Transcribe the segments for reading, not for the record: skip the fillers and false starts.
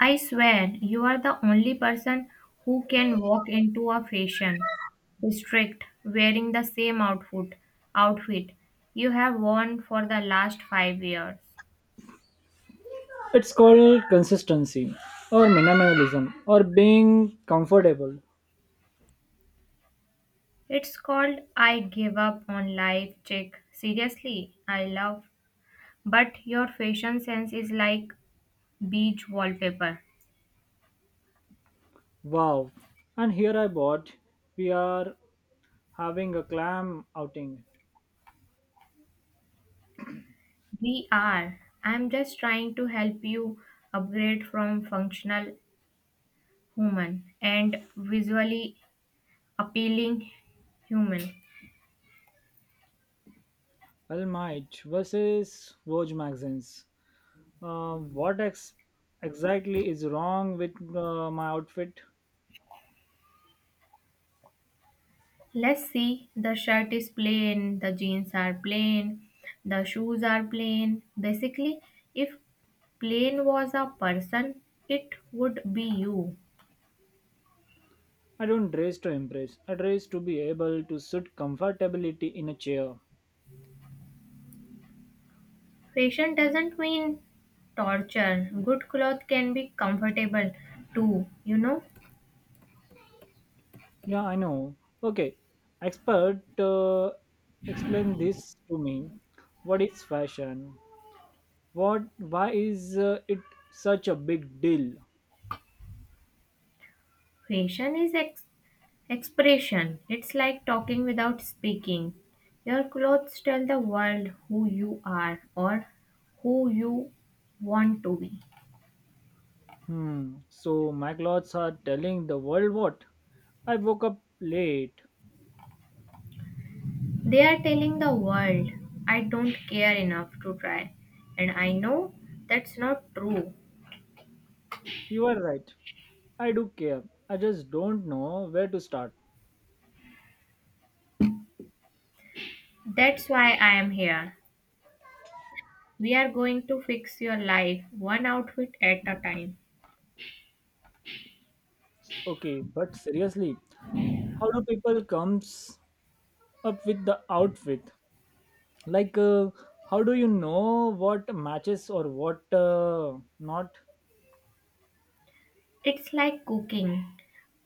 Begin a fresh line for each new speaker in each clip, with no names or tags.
I swear, you are the only person who can walk into a fashion district wearing the same outfit you have worn for the last 5 years.
It's called consistency, or minimalism, or being comfortable.
It's called I give up on life check. Seriously, I love but your fashion sense is like beach wallpaper.
Wow. And here I bought, we are having a clam outing.
We are. I'm just trying to help you upgrade from functional human and visually appealing human.
All Might versus Vogue magazines. What exactly is wrong with my outfit?
Let's see. The shirt is plain, the jeans are plain, the shoes are plain. Basically, if plain was a person, it would be you.
I don't dress to impress. I dress to be able to sit comfortably in a chair.
Fashion doesn't mean torture. Good clothes can be comfortable too, you know.
Yeah, I know. Okay, expert, explain this to me. What is fashion? What? Why is it such a big deal?
Fashion is ex- Expression. It's like talking without speaking. Your clothes tell the world who you are or who you want to be.
Hmm. So my clothes are telling the world what? I woke up late.
They are telling the world, I don't care enough to try. And I know that's not true.
You are right. I do care. I just don't know where to start.
That's why I am here. We are going to fix your life one outfit at a time.
Okay, but seriously, how do people comes up with the outfit? Like, how do you know what matches or what not.
It's like cooking.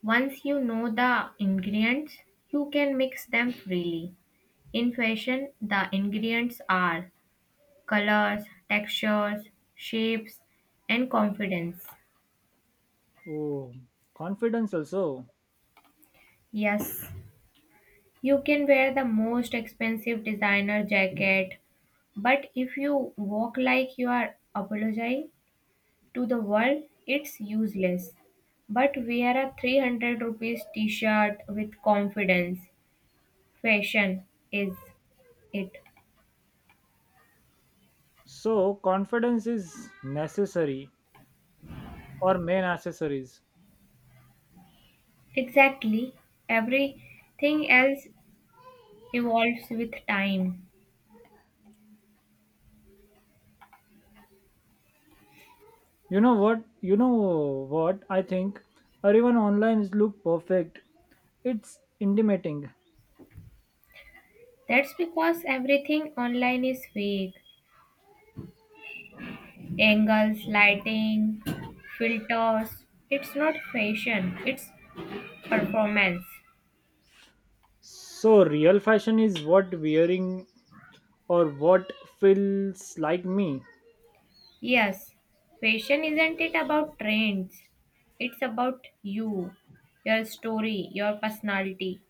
Once you know the ingredients, you can mix them freely. In fashion, the ingredients are colors, textures, shapes, and confidence.
Oh, confidence also.
Yes, you can wear the most expensive designer jacket, but if you walk like you are apologizing to the world, it's useless. But wear a 300 rupees t shirt with confidence. Fashion is it.
So confidence is necessary or main accessories.
Exactly. Everything else evolves with time.
You know what, I think everyone online is look perfect, it's intimidating.
That's because everything online is fake. Angles, lighting, filters. It's not fashion, it's performance.
So real fashion is what wearing or what feels like me.
Yes, fashion isn't it about trends? It's about you, your story, your personality.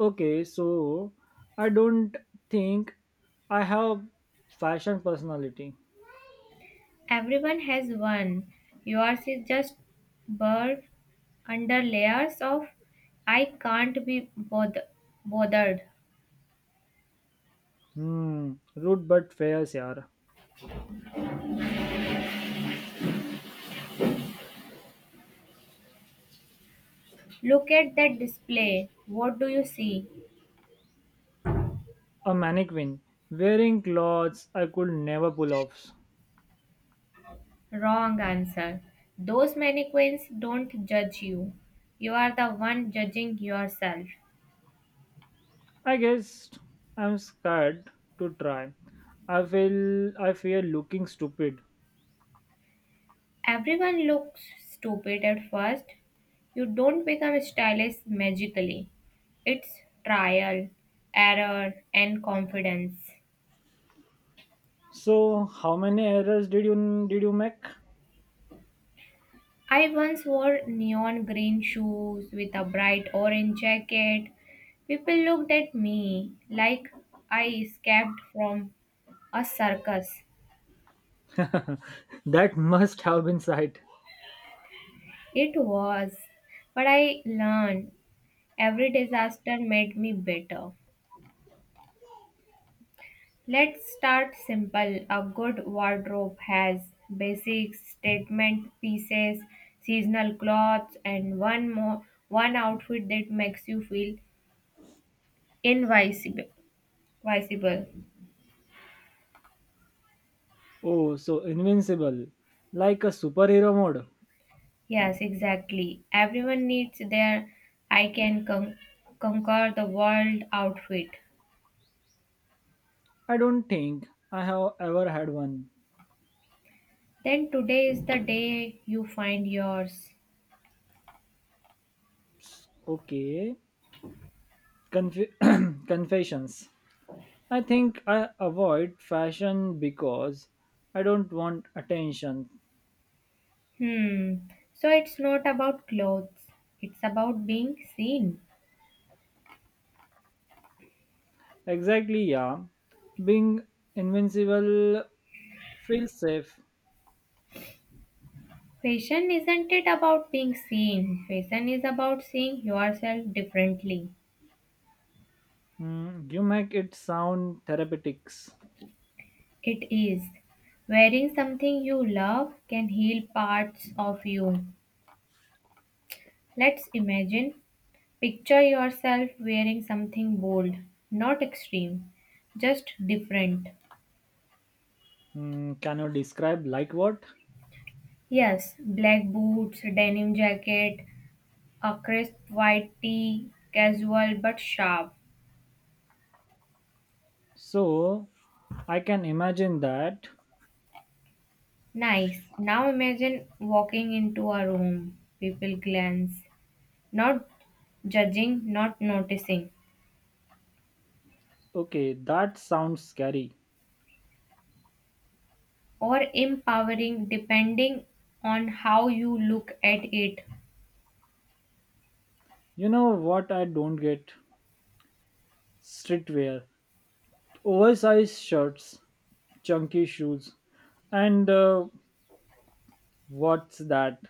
Okay, so I don't think I have fashion personality.
Everyone has one. Yours is just bird under layers of I can't be bother- bothered.
Hmm, rude but fair, yaar.
Look at that display. What do you see?
A mannequin wearing clothes I could never pull off.
Wrong answer. Those mannequins don't judge you. You are the one judging yourself.
I guess I'm scared to try. I feel I fear looking stupid.
Everyone looks stupid at first. You don't become stylish magically. It's trial, error, and confidence.
So how many errors did you make?
I once wore neon green shoes with a bright orange jacket. People looked at me like I escaped from a circus.
That must have been sight.
It was, but I learned every disaster made me better. Let's start simple. A good wardrobe has basic statement pieces, seasonal clothes, and one outfit that makes you feel invisible. Visible.
Oh, so invincible, like a superhero mode.
Yes, exactly. Everyone needs their I can con- conquer the world outfit.
I don't think I have ever had one.
Then today is the day you find yours.
Okay. Conf- confessions. I think I avoid fashion because I don't want attention.
Hmm. So it's not about clothes. It's about being seen.
Exactly, yeah. Being invincible feels safe.
Fashion isn't it about being seen? Fashion is about seeing yourself differently.
Hmm, you make it sound therapeutics.
It is. Wearing something you love can heal parts of you. Let's imagine. Picture yourself wearing something bold, not extreme, just different.
Hmm, can you describe like what?
Yes, black boots, denim jacket, a crisp white tee, casual but sharp.
So, I can imagine that.
Nice. Now imagine walking into a room, people glance, not judging, not noticing,
Okay, that sounds scary.
or empowering depending on how you look at it.
You know what I don't get? Streetwear. Oversized shirts, chunky shoes, and what's that?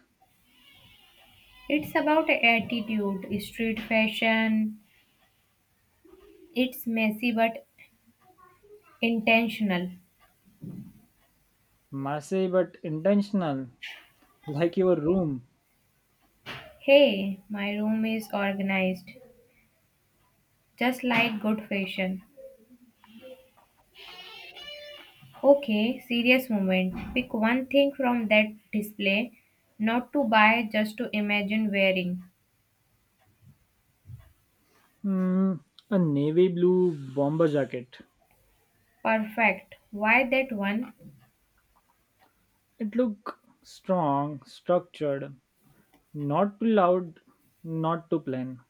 It's about attitude, street fashion. It's messy but intentional.
Messy but intentional, like your room.
Hey, my room is organized, just like good fashion. Okay, serious moment. Pick one thing from that display, not to buy, just to imagine wearing.
Mm, a navy blue bomber jacket.
Perfect. Why that one?
It looked strong, structured, not too loud, not too plain.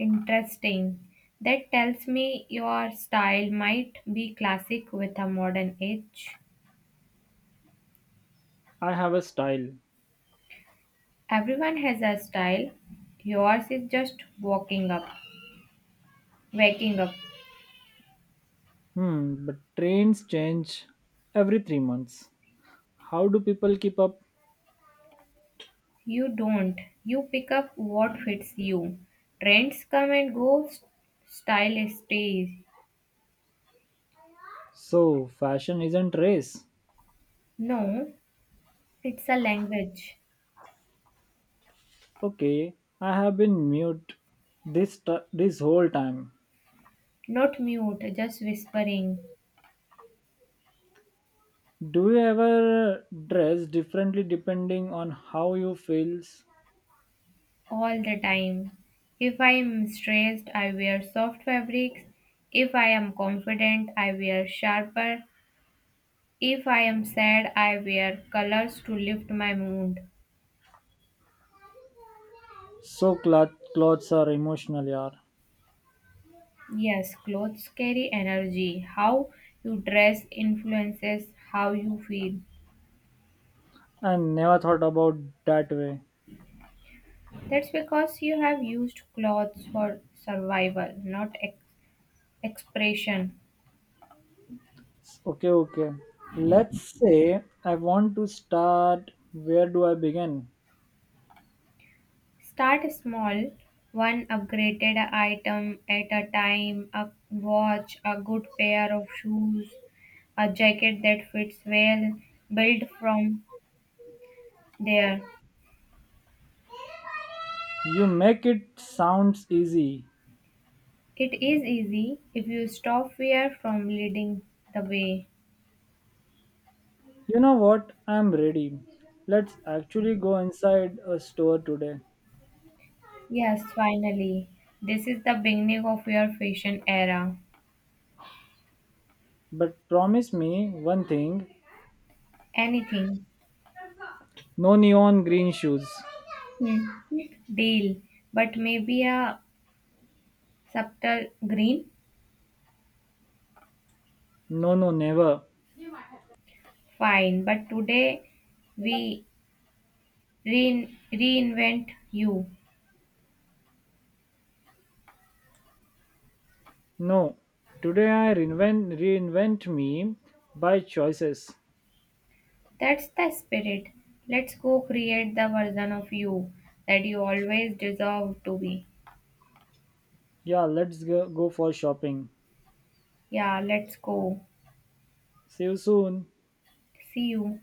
Interesting. That tells me your style might be classic with a modern edge.
I have a style.
Everyone has a style. Yours is just walking up, waking up.
Hmm, but trends change every three months. How do people keep up?
You don't. You pick up what fits you. Trends come and go, style stays.
So, fashion isn't race.
No, it's a language,
Okay, I have been mute this whole time.
not mute, just whispering
Do you ever dress differently depending on how you feels?
all the time. If I am stressed, I wear soft fabrics. If I am confident, I wear sharper. If I am sad, I wear colors to lift my mood.
So clothes are emotional, yaar.
Yes, clothes carry energy. How you dress influences how you feel.
I never thought about that way.
That's because you have used clothes for survival, not ex- expression.
Okay, okay. Let's say I want to start. Where do I begin?
Start small, one upgraded item at a time, a watch, a good pair of shoes, a jacket that fits well, build from there.
You make it sounds easy.
It is easy if you stop fear from leading the way.
You know what? I'm ready. Let's actually go inside a store today.
Yes, finally. This is the beginning of your fashion era.
But promise me one thing.
Anything.
No neon green shoes.
Hmm. Deal. But maybe a subtle green?
No, no, never.
Fine. But today we reinvent you.
No. Today I reinvent me by choices.
That's the spirit. Let's go create the version of you that you always deserve to be.
Yeah, let's go, go for shopping.
Yeah, let's go.
See you soon.
See you.